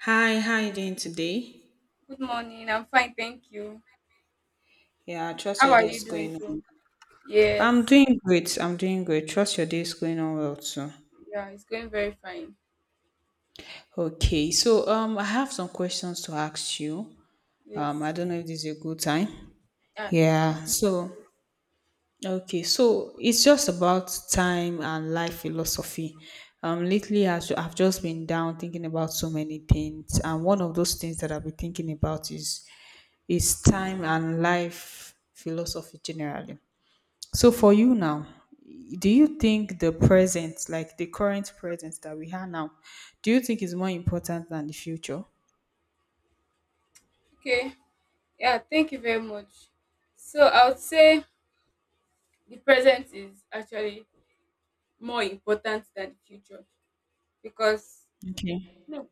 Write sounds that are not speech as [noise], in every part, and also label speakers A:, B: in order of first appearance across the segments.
A: Hi, how you doing today?
B: Good morning. I'm fine, thank you.
A: Yeah, I trust
B: How
A: your
B: are
A: day is
B: you doing
A: going on.
B: too?
A: Well. I'm
B: Yes.
A: doing great. I'm doing great. Trust your day is going on well too.
B: Yeah, it's going very fine.
A: Okay, so I have some questions to ask you.
B: Yes.
A: I don't know if this is a good time.
B: Yeah,
A: Yeah.
B: definitely.
A: So okay, so it's just about time and life philosophy. Lately I've just been down thinking about so many things, and one of those things that I've been thinking about is time and life philosophy generally. So for you now, do
B: Yeah.
A: you think the present, like the current present that we have now, do you think is more important than the future?
B: Okay. Yeah, thank you very much. So I would say the present is actually more important than the future because
A: Okay.
B: no.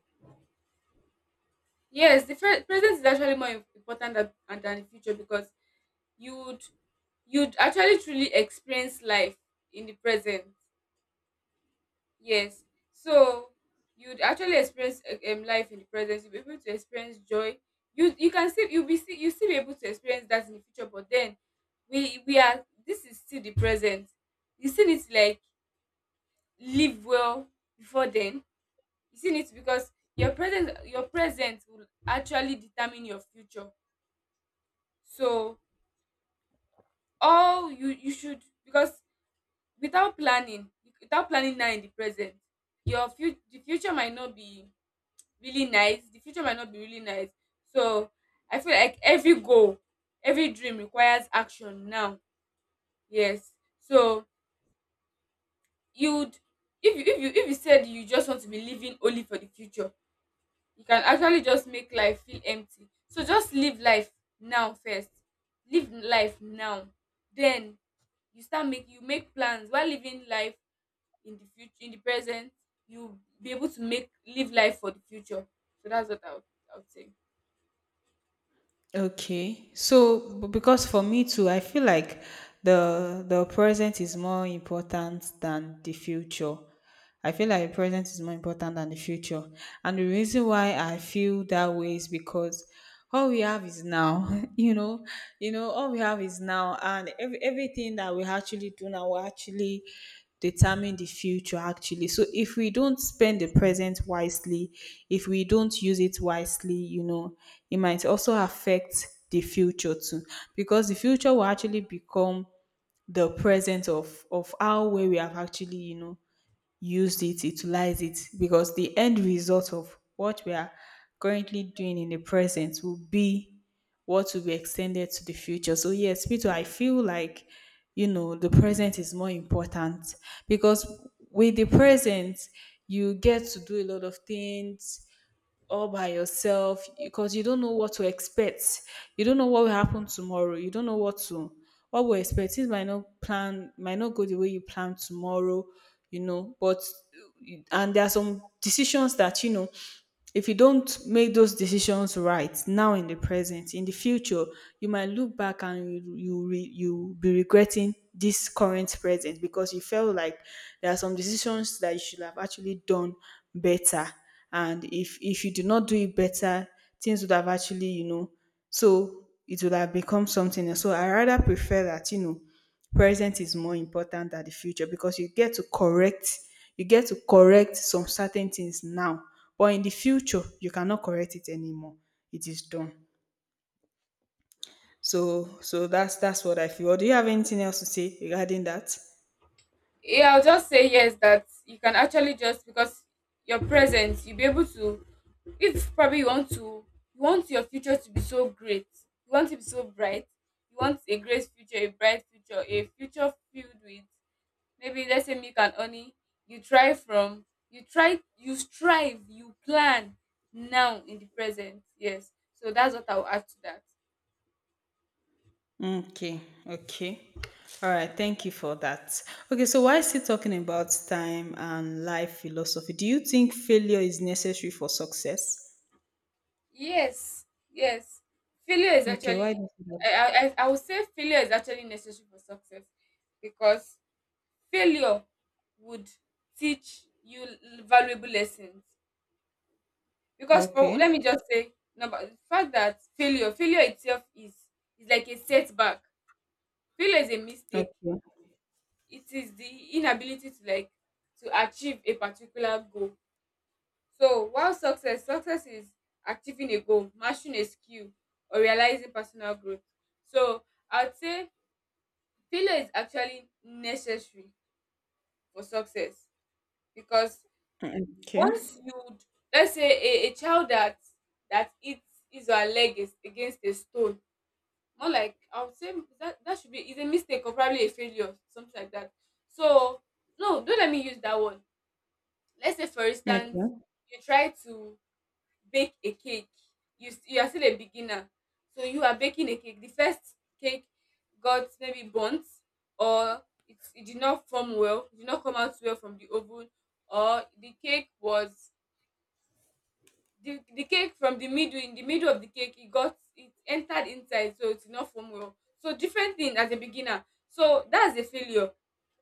B: Yes, the present is actually more important than the future because you'd you'd actually truly experience life in the present. Yes. So you'd actually experience life in the present. You'll be able to experience joy. You can still you'll be still you still be able to experience that in the future. But then we are this is still the present. You still need to like live well before then. You still need to because your present will actually determine your future. So all you should because without planning without planning now in the present, your future the future might not be really nice, the future might not be really nice so I feel like every goal, every dream requires action now. Yes. So you'd, if you said you just want to be living only for the future, you can actually just make life feel empty. So just live life now first, live life now, then you start make you make plans while living life in the future, in the present, you be able to make live life for the future. So that's what I would say.
A: Okay. So because for me too, I feel like the present is more important than the future. I feel like the present is more important than the future. And the reason why I feel that way is because all we have is now. [laughs] You know, all we have is now and everything that we actually do now will actually determine the future actually, so if we don't spend the present wisely, if we don't use it wisely, it might also affect the future too, because the future will actually become the present of how well we have actually, used it, utilized it, because the end result of what we are currently doing in the present will be what will be extended to the future. So, yes, Peter, I feel like, the present is more important because with the present, you get to do a lot of things, all by yourself because you don't know what to expect. You don't know what will happen tomorrow. You don't know what to what will expect. Things might not plan, might not go the way you plan tomorrow, you know. But and there are some decisions that, if you don't make those decisions right now in the present, in the future, you might look back and you be regretting this current present because you felt like there are some decisions that you should have actually done better. And if you do not do it better, things would have actually, you know, so it would have become something else. So I rather prefer that, present is more important than the future because you get to correct some certain things now, but in the future you cannot correct it anymore, it is done. So that's what I feel. Or do you have anything else to say regarding that?
B: Yeah, I'll just say yes that you can actually just because your presence, you'll be able to, if probably you want to, you want your future to be so great, you want it to be so bright, you want a great future, a bright future, a future filled with, maybe let's say, milk and honey. You try from, you try you strive, you plan now in the present. Yes. So that's what I'll add to that.
A: Okay. Okay. All right, thank you for that. Okay, so why still talking about time and life philosophy, do you think failure is necessary for success?
B: Yes, yes. Failure is
A: Okay, why
B: actually,
A: do you think
B: I,
A: that?
B: I I I would say failure is actually necessary for success because failure would teach you valuable lessons. Because for let me
A: Okay.
B: just say number the fact that failure itself is like a setback. Failure is a mistake.
A: Okay.
B: It is the inability to like to achieve a particular goal. So while success is achieving a goal, mastering a skill, or realizing personal growth. So I would say failure is actually necessary for success because
A: Okay.
B: once you, let's say, a child that hits his or her leg is against a stone, more like I would say that should be is a mistake or probably a failure, something like that. So no, don't let me use that one. Let's say, for instance,
A: Okay.
B: you try to bake a cake. You are still a beginner, so you are baking a cake. The first cake got maybe burnt, or it did not form well, it did not come out well from the oven, or the cake was, the cake from the middle, in the middle of the cake, it entered inside, so it's not form well, so different thing as a beginner. So that's a failure.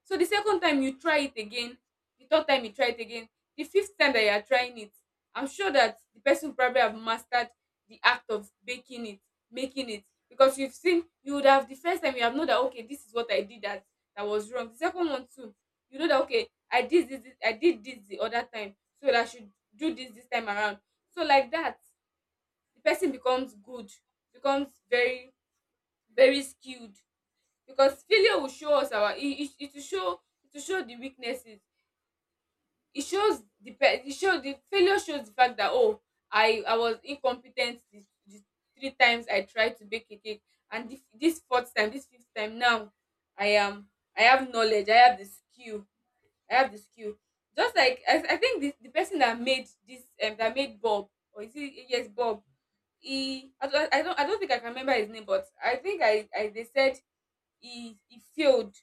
B: So the second time you try it again, the third time you try it again, the fifth time that you are trying it, I'm sure that the person probably have mastered the act of baking it, making it, because you've seen, you would have, the first time you have known that okay, this is what I did, that that was wrong. The second one too, you know that okay, I did this I did this the other time, so that I should do this time around. So like that, the person becomes good, becomes very very skilled because failure will show us our it it, it will show the weaknesses. It shows the failure shows the fact that oh, I was incompetent, the three times I tried to bake a cake, and this fourth time, this fifth time now, I am I have knowledge, I have the skill. I have the skill. Just like I think the person that made this that made Bob, or is it? Yes, Bob. He, I don't, I don't think I can remember his name, but I think I they said he failed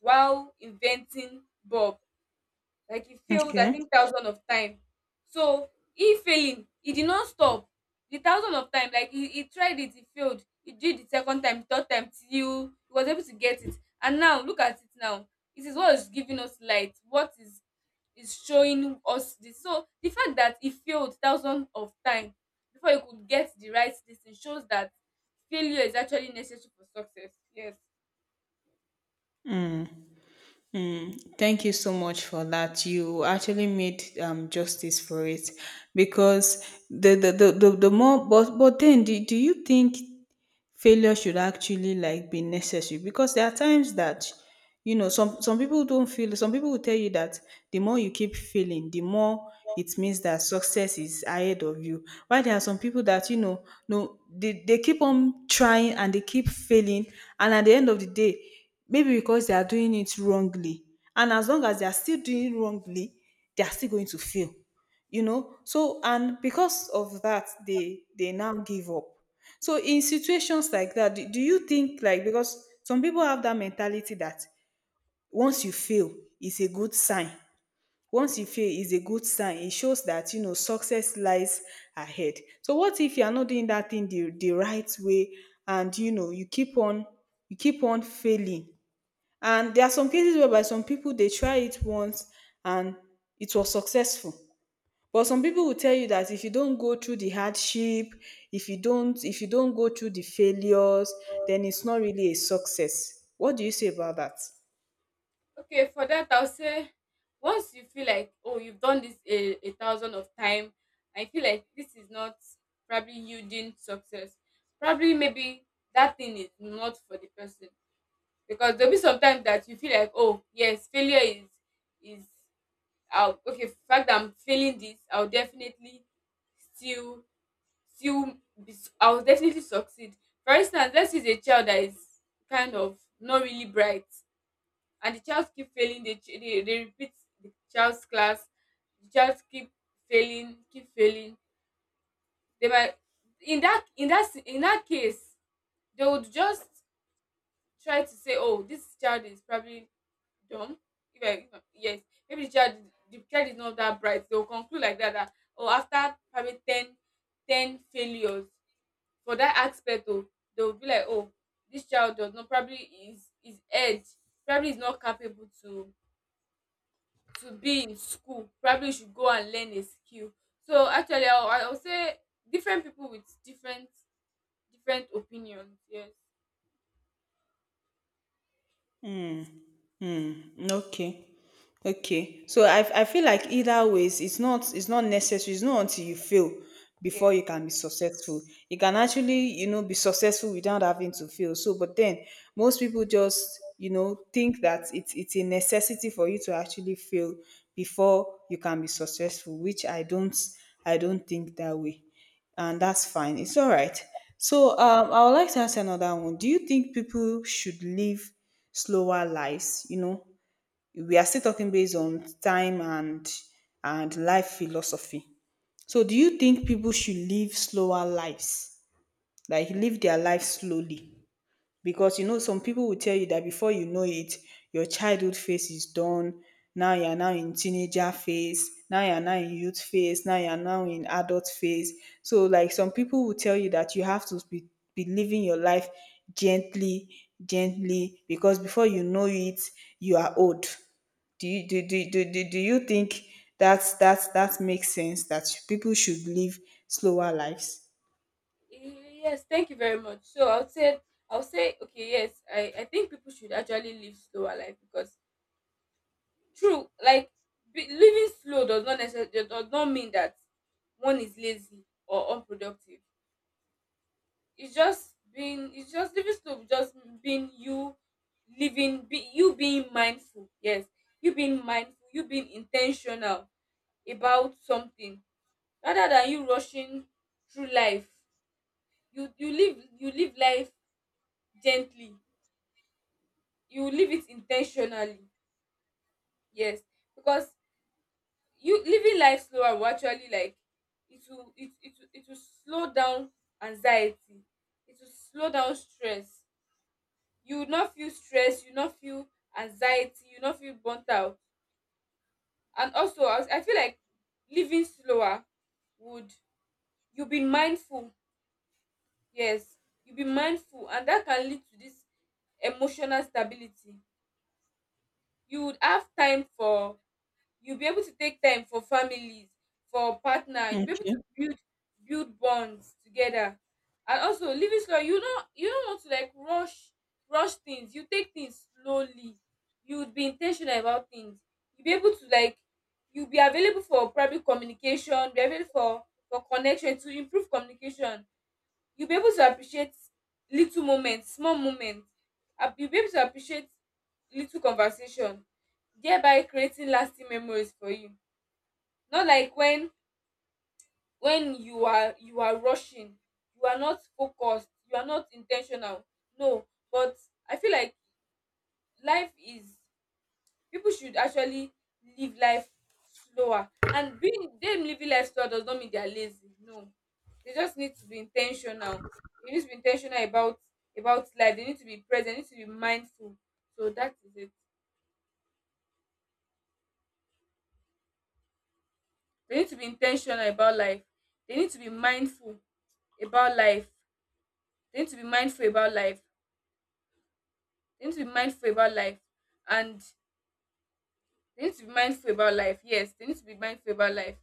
B: while inventing Bob, like he failed I
A: Okay.
B: think thousand of time. So he failing, he did not stop the thousand of time. Like he tried it, he failed, he did the second time, third time, till he was able to get it. And now look at it now. It is what is giving us light, what is showing us this. So the fact that he failed thousand of time before he could get the right this thing shows that failure is actually necessary for success. Yes.
A: Mm. Thank you so much for that. You actually made justice for it because the more but then do you think failure should actually like be necessary, because there are times that, some people don't feel, some people will tell you that the more you keep failing, the more it means that success is ahead of you, while there are some people that, no, they keep on trying and they keep failing, and at the end of the day, maybe because they are doing it wrongly, and as long as they are still doing it wrongly, they are still going to fail, you know. So and because of that they now give up. So in situations like that, do you think, like, because some people have that mentality that once you fail, it's a good sign. Once you fail, it's a good sign. It shows that, you know, success lies ahead. So what if you are not doing that thing the right way and, you know, you keep on failing? And there are some cases whereby some people they try it once, and it was successful, but some people will tell you that if you don't go through the hardship, if you don't go through the failures, then it's not really a success. What do you say about that?
B: Okay, for that I'll say, once you feel like oh, you've done this a thousand of time, I feel like this is not probably yielding success. Probably maybe that thing is not for the person because there'll be sometimes that you feel like oh yes, failure is I'll, okay fact that I'm failing this, I'll definitely still still I'll definitely succeed. For instance, let's use a child that is kind of not really bright, and the child keep failing. They repeat the child's class. The child keep failing, keep failing they might, in that case they would just try to say oh this child is probably dumb. If I- Yes, maybe the child, the child is not that bright. They will conclude like that oh, after probably 10 failures for that aspect oh, they will be like oh this child does not probably is head, probably is not capable to be in school, probably you should go and learn a skill. So actually I will say different people with different opinions. Yes,
A: Mm, okay. Okay. So I feel like either ways, it's not necessary. It's not until you fail before
B: yes.
A: you can be successful. You can actually, you know, be successful without having to fail. So, but then most people just, you know, think that it's a necessity for you to actually fail before you can be successful, which I don't think that way, and that's fine. It's all right. So I would like to ask another one. Do you think people should live slower lives? You know, we are still talking based on time and life philosophy. So do you think people should live slower lives, like live their life slowly? Because, you know, some people will tell you that before you know it, your childhood phase is done. Now you are now in teenager phase. Now you are now in youth phase. Now you are now in adult phase. So, like, some people will tell you that you have to be living your life gently, because before you know it, you are old. Do you do do do do, do you think that makes sense? That people should live slower lives?
B: Yes, thank you very much. So I would say okay, yes, I think people should actually live slower life because true, like, living slow does not necessarily, does not mean that one is lazy or unproductive. It's just living slow, just being you, living, you being mindful. Yes, you being mindful, you being intentional about something, rather than you rushing through life. You, you live life gently, you live it intentionally. Yes. Because you living life slower will actually like, it will slow down anxiety, it will slow down stress. You no feel stress, you no feel anxiety, you no feel burnt out. And also I was I feel like living slower would, you be mindful. Yes, you be mindful, and that can lead to this emotional stability. You would have time for, you'll be able to take time for families, for partner. You'll be able
A: Okay.
B: to build, build bonds together. And also living slow, you don't want to like rush things. You take things slowly. You would be intentional about things. You'll be able to like, you'll be available for private communication, be available for connection to improve communication. You'll be able to appreciate little moments, small moments, ap you'll be able to appreciate little conversation, thereby creating lasting memories for you, not like when you are, you are rushing, you are not focused, you are not in ten tional. No. But I feel like life is, people should actually live life slower, and being them living life slower does not mean they are lazy. No, they just need to be intentional. They need to be intentional about life. They need to be present, they need to be mindful. So that is it. They need to be intentional about life, they need to be mindful about life, they need to be mindful about life, they need to be mindful about life, and they need to be mindful about life. Yes, they need to be mindful about life,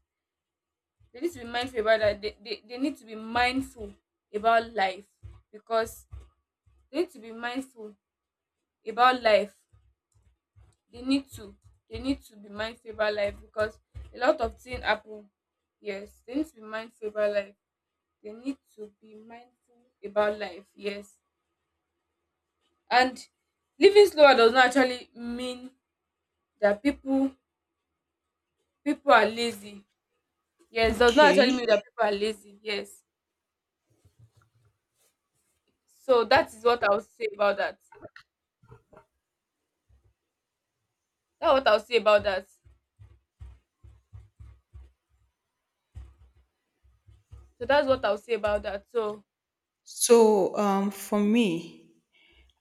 B: they need to be mindful about that, they need to be mindful about life because they need to be mindful about life, they need to, they need to be mindful about life because a lot of things happen. Yes, they need to be mindful about life, they need to be mindful about life. Yes. And living slower does not actually mean that people are lazy. Yes, does not actually
A: Okay.
B: mean that people are lazy. Yes. So that is what I would say about that. That's what I would say about that. So that's what I'll say about that. So.
A: So for me,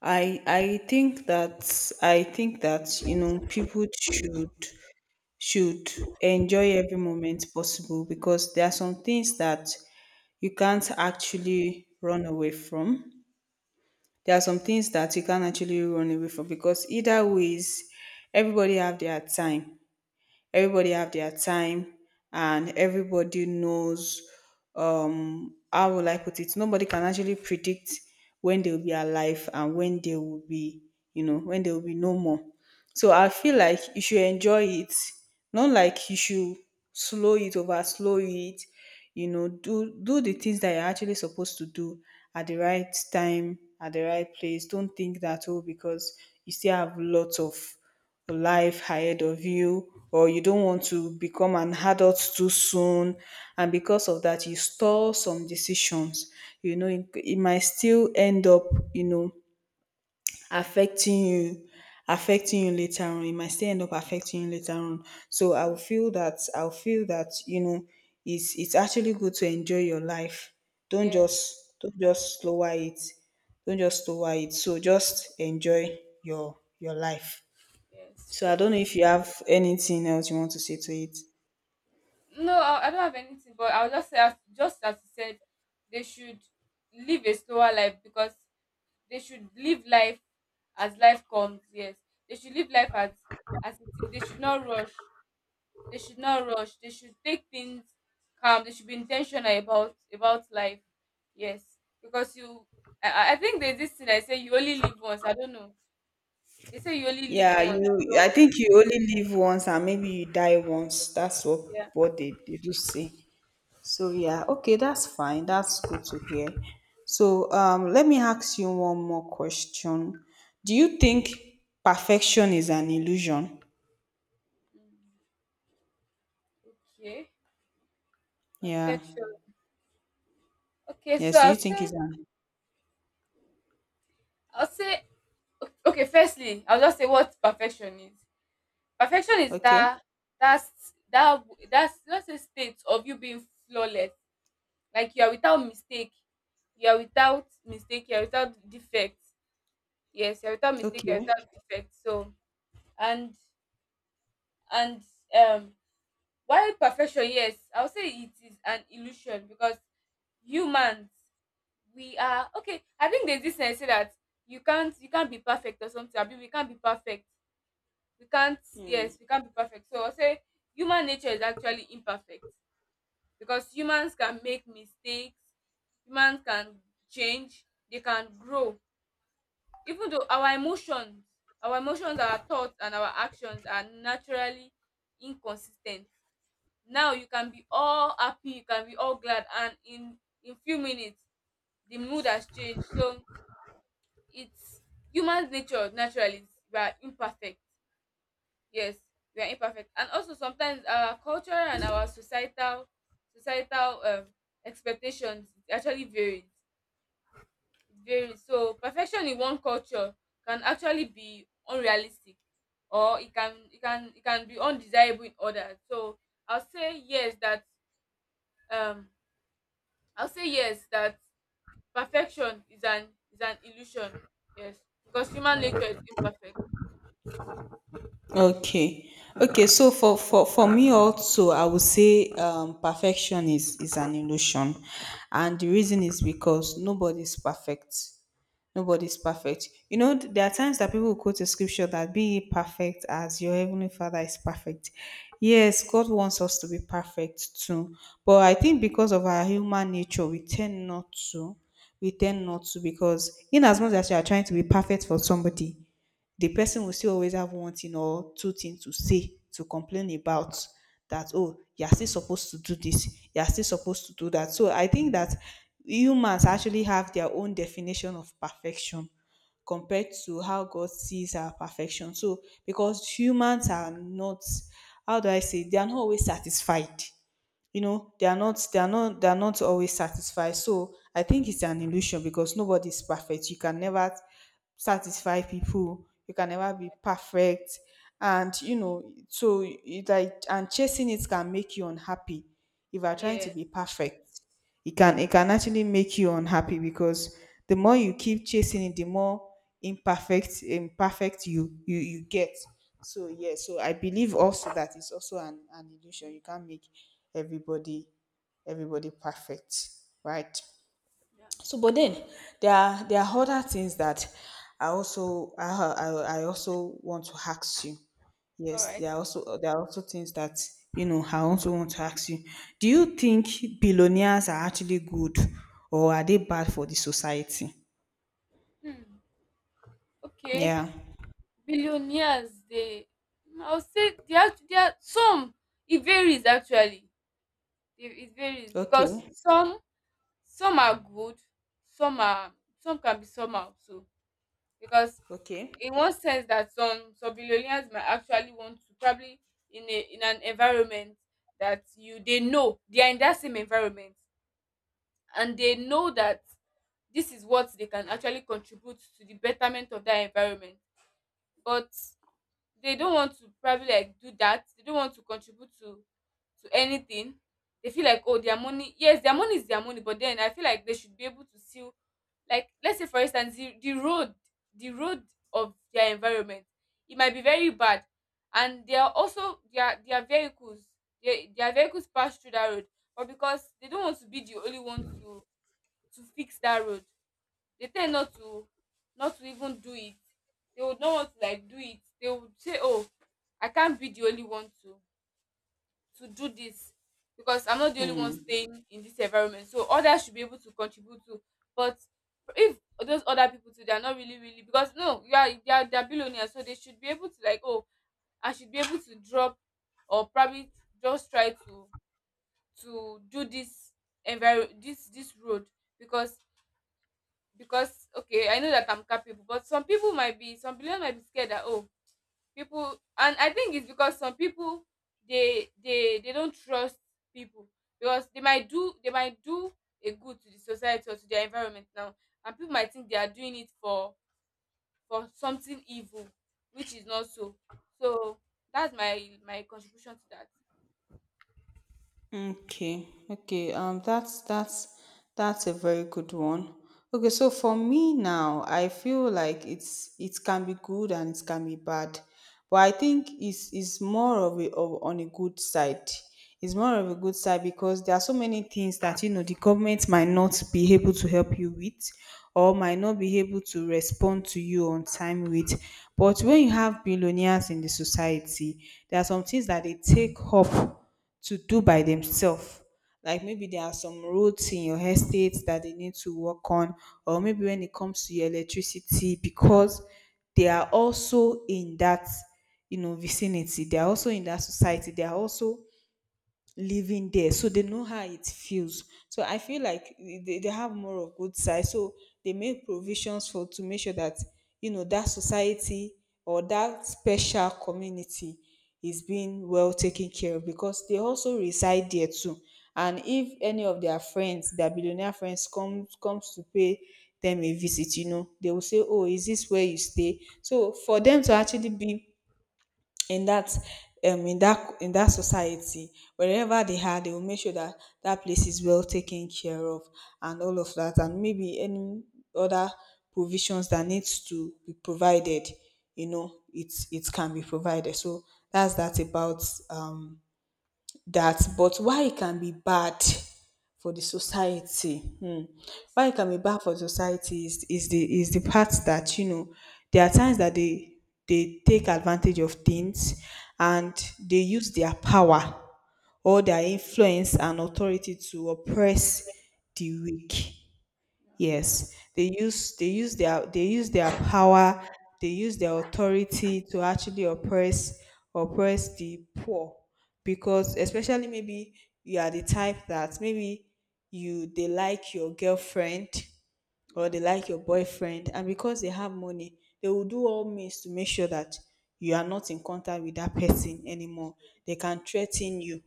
A: I think that, you know, people should should enjoy every moment possible, because there are some things that you can't actually run away from. There are some things that you can't actually run away from because either ways, everybody have their time everybody have their time, and everybody knows, how will I put it? Nobody can actually predict when they will be alive and when they will you know, when they will be no more. So I feel like you should enjoy it. Not like you should over slow it, you know, do the things that you're actually supposed to do at the right time, at the right place. Don't think that, oh, because you still have lots of life ahead of you, or you don't want to become an adult too soon, and because of that you store some decisions, you know, it might still end up, you know, affecting you affecting you later on. It might still end up affecting you later on So
B: Hmm.
A: I'll feel that, you know, it's actually good to enjoy your life.
B: Yes,
A: Don't just lower it, so just enjoy your life.
B: yes,
A: So I
B: true.
A: don't know if you have anything else you want to say to it.
B: No, I don't have anything, but I'll just say, just as you said, they should live a slower life because they should live life as life comes. Yes, they should live life as it is. They should not rush. They should not rush. They should take things calm. They should be intentional about life. Yes, because you, I think there's this thing I say, you only live once. I don't know. They say you only live
A: Yeah,
B: once.
A: you. I
B: So
A: think you only live once, and maybe you die once. That's what
B: yeah.
A: they, do say. So yeah, okay, that's fine. That's good to hear. So let me ask you one more question. Do you think perfection is an illusion?
B: Mm, Okay,
A: Yeah.
B: perfection. Okay, so
A: Yes. Do
B: I'll
A: you think
B: say,
A: it's an
B: I'll say, okay. Firstly, I'll just say what perfection is. Perfection is
A: okay?
B: that's that that's just a state of you being flawless, like you are without mistake, you are without defect. Yes, you are without mistake, you are
A: Okay.
B: without defect. So and and um, while perfection, yes, I'll say it is an illusion because humans, we are, okay. I think there's this sense say that you can't be perfect or something. I mean, we can't be perfect. We can't yes, we can't be perfect. So I'll say human nature is actually imperfect because humans can make mistakes, humans can change, they can grow. Even though our emotions, our thoughts and our actions are naturally inconsistent. Now you can be all happy, you can be all glad, and in few minutes the mood has changed. So it's human nature. Naturally we are imperfect. Yes, we are imperfect, and also sometimes our culture and our societal expectations actually varies. It varies. So perfection in one culture can actually be unrealistic, or it can be undesirable in others. So I'll say yes that um I'll say yes that perfection is an illusion, yes, because human nature is imperfect.
A: Okay. Okay, so for me also, I would say, perfection is an illusion, and the reason is because nobody's perfect. Nobody's perfect. You know, there are times that people quote a scripture that be ye perfect as your heavenly Father is perfect. Yes, God wants us to be perfect too, but I think because of our human nature, we tend not to. We tend not to, because in as much as you are trying to be perfect for somebody, the person will still always have one thing or two things to say, to complain about, that oh, you're still supposed to do this, you're still supposed to do that. So I think that humans actually have their own definition of perfection compared to how God sees our perfection. So because humans are not, how do I say, they are not always satisfied, you know, they are not always satisfied. So I think it's an illusion because nobody's perfect. You can never satisfy people, you can never be perfect, and you know, so it like, and chasing it can make you unhappy. If you are trying
B: Yeah.
A: to be perfect, it can, actually make you unhappy, because the more you keep chasing it, the more imperfect you get. So yeah, so I believe also that it's also an illusion. You can't make everybody, perfect, right? So, but then there are, other things that I also I I, I also want to ask you.
B: All
A: Yes,
B: right.
A: there are also, things that, you know, I also want to ask you. Do you think billionaires are actually good or are they bad for the society?
B: Hmm. Okay.
A: Yeah.
B: Billionaires, they, I would say they have, they are some, it varies actually. It varies because
A: Okay.
B: some are good, some are some can be somehow. So because
A: Okay.
B: in one sense, that some billionaires might actually want to probably, in a in an environment that you they know they are in, that same environment, and they know that this is what they can actually contribute to the betterment of that environment. But they don't want to probably like do that. They don't want to contribute to anything. They feel like, oh, their money. Yes, their money is their money, but then I feel like they should be able to still, like, let's say for instance, the road, the road of their environment, it might be very bad, and they are also, their vehicles, their vehicles pass through that road, but because they don't want to be the only one to fix that road, they tend not to, even do it. They would not want to like do it. They would say, oh, I can't be the only one to do this, because I'm not the only one
A: Hmm.
B: staying in this environment, so others should be able to contribute too. But if those other people too, they are not really. Because, no, you are they are, they are, billionaires, so they should be able to, like, oh, I should be able to drop, or probably just try to do this, enviro this this road, because, okay, I know that I'm capable, but some believers might be scared that, oh, people. And I think it's because some people, they don't trust people, because they might do a good to the society or to their environment now, and people might think they are doing it for something evil, which is not. So so that's my contribution to that.
A: Okay, okay. That's a very good one. Okay, so for me now, I feel like it can be good and it can be bad, but I think it's more on a good side. It's more of a good side because there are so many things that the government might not be able to help you with, or might not be able to respond to you on time with. But when you have billionaires in the society, there are some things that they take up to do by themselves. Like, maybe there are some roads in your estate that they need to work on, or maybe when it comes to your electricity, because they are also in that, vicinity, they are also in that society, they are also living there, so they know how it feels. So I feel like they have more of good side, so they make provisions for to make sure that, that society or that special community is being well taken care of because they also reside there too. And if any of their friends, their billionaire friends comes to pay them a visit, they will say, oh, is this where you stay? So for them to actually be in that, in that society, wherever they are, they will make sure that that place is well taken care of, and all of that, and maybe any other provisions that needs to be provided, it can be provided. So that's that about um that. But why it can be bad for the society,
B: Yes.
A: why it can be bad for society is the part that, there are times that they take advantage of things,
B: So
A: and they use their power, or their influence and authority, to oppress the weak.
B: yeah,
A: Yes, they use their power, they use their authority to actually oppress the poor, because especially maybe you are the type that maybe you they like your girlfriend, or
B: yeah,
A: they like your boyfriend, and because they have money they will do all means to make sure that you are not in contact with that person anymore. They can threaten you,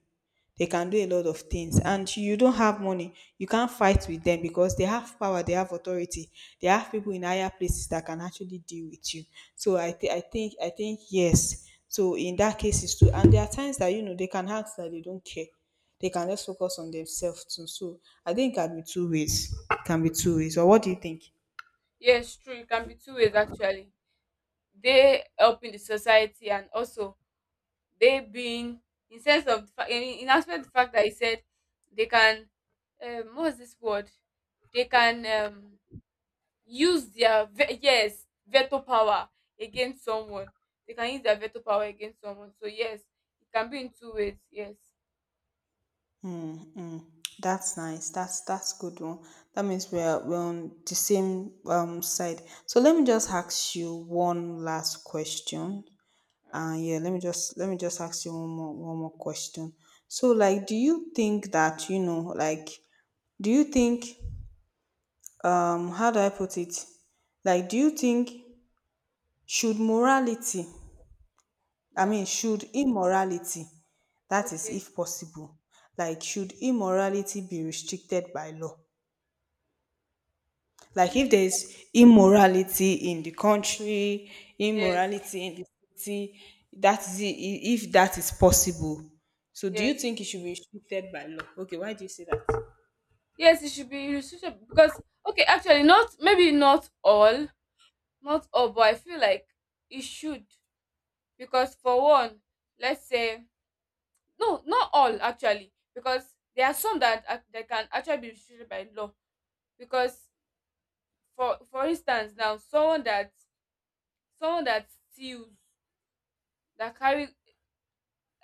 A: they can do a lot of things. And you don't have money, you can't fight with them because they have power, they have authority, they have people in higher places that can actually deal with you. So I think yes. So in that case, it's too. And there are times that, they can act that they don't care. They can just focus on themselves too. So I think it can be two ways. It can be two ways. Or what do you think?
B: yes, true, it can be two ways actually. They helping the society, and also they being, in sense of the fact, in aspect the fact that he said, they can, what's this word, they can, use their veto power against someone. They can use their veto power against someone. So yes, it can be in two ways, yes.
A: Mm, mm. That's nice. That's good one. That means we're on the same side. So let me just ask you one last question.
B: All right.
A: Yeah, let me just ask you one more question. So, like, do you think that, like, do you think, how do I put it? Like, do you think, should morality, I
B: Yeah,
A: mean, should immorality, that is,
B: okay.
A: if possible, like, should immorality be restricted by law? Like, if
B: Mm,
A: there's immorality in the country,
B: yes,
A: immorality in the city, that is if that is possible. So do you
B: yes,
A: think it should be restricted by law? Okay, why do you say that?
B: yes, it should be. You, because, okay, actually not, maybe not all, but I feel like it should, because for one, let's say, no, not all actually, because there are some that can actually be restricted by law. Because for instance, now, someone that steals, that carry,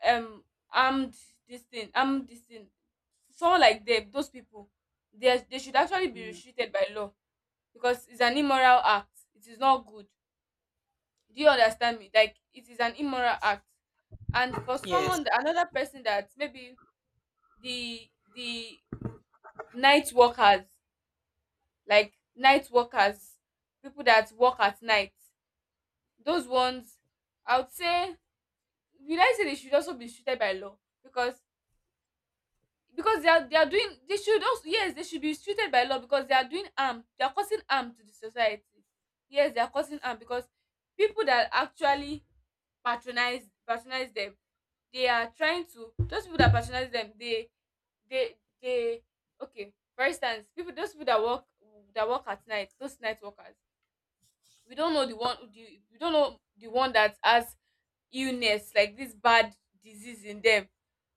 B: um armed armed this thing, someone like them, those people, they should actually be restricted by law, because it's an immoral act. It is not good. Do you understand me? Like it is an immoral act. And for
A: Yes.
B: someone another person that maybe, the the night workers, like night workers, people that work at night, those ones, I would say will I say they should also be treated by law, because they are doing, they should also, yes, they should be treated by law because they are doing harm, they are causing harm to the society. Yes, they are causing harm because people that actually patronize them, they are trying to, those people that patronize them, they okay, for instance, people those people that work at night, those night workers, we don't know the one that has illness, like this bad disease in them,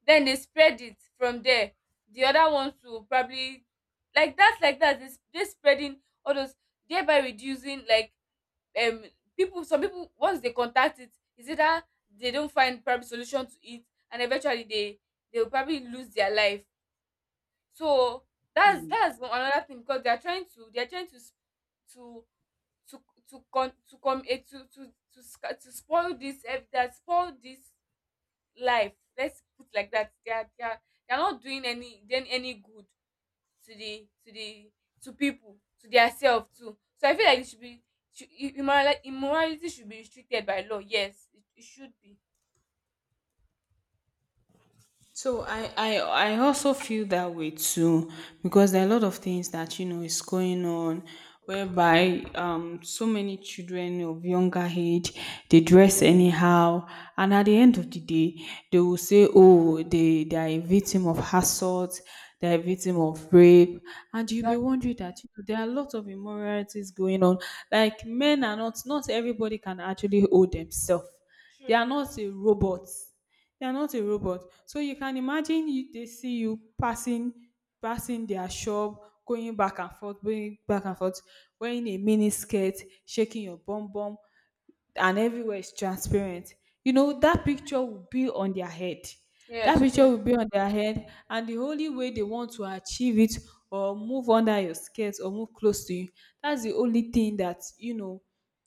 B: then they spread it from there. The other ones will probably, like that, they spreading all those, thereby reducing, like, um people, some people, once they contact it, is either they don't find probably solution to it, and eventually they will probably lose their life. So that's, another thing, because they are trying to s- to to to con to come eh to sca to spoil this ev that spoil this life, let's put like that. They are, they are not doing any, them any good, to the to the to people, to their self too. So I feel like it should be, should I- immorali immorality should be restricted by law. Yes, it should be.
A: So I also feel that way too, because there are a lot of things that, is going on, whereby so many children of younger age, they dress anyhow, and at the end of the day they will say, oh, they are a victim of assault, they are a victim of rape, and you'll be
B: Exactly.
A: wondering that, there are a lot of immoralities going on. Like, men are not, not everybody can actually hold themselves. They
B: True.
A: are not a robot, they are not a robot. So you can imagine, they see you passing their shop, going back and forth, going back and forth, wearing a mini skirt, shaking your bum bum, and everywhere is transparent. That picture will be on their head, that
B: Yes,
A: picture
B: true.
A: will be on their head, and the only way they want to achieve it, or move under your skirt, or move close to you, that's the only thing that,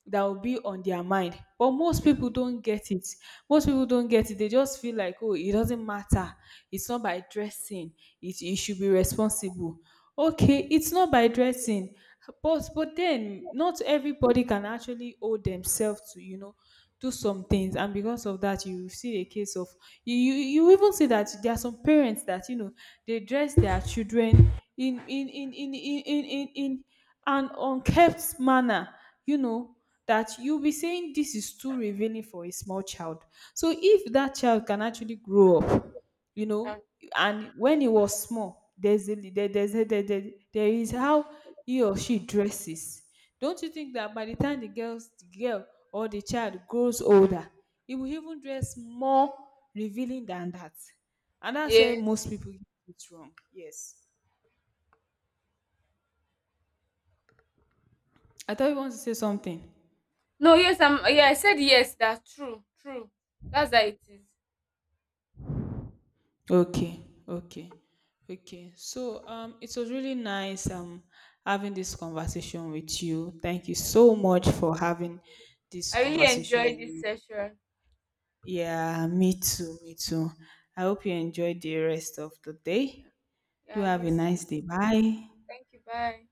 A: that will be on their mind, but most
B: Yeah.
A: people don't get it. Most people don't get it, they just feel like, oh, it doesn't matter, it's not by dressing, it should be responsible. Okay, it's not by dressing, but then not everybody can actually owe themselves to, do some things, and because of that you see a case of, you even see that there are some parents that, they dress their children in an unkept manner, you know that you'll be saying, this is too revealing for a small child. So if that child can actually grow up, you know
B: Ah.
A: and when he was small, there's a, there is how he or she dresses. Don't you think that by the time the girl, or the child, grows older, he will even dress more revealing than that? And that's where
B: Yes.
A: most people get it wrong. Yes. I thought you want to say something.
B: No, yes, i'm yeah, I said yes, that's true, true. That's how it is.
A: Okay, okay, okay. So it was really nice having this conversation with you. Thank you
B: Yes.
A: so much for having this
B: I really
A: conversation
B: enjoyed
A: with
B: this
A: me.
B: session.
A: Yeah, me too, me too. I hope you enjoy the rest of the day. Do
B: Yeah, and
A: have
B: you.
A: a nice day. Bye.
B: Thank you. Bye.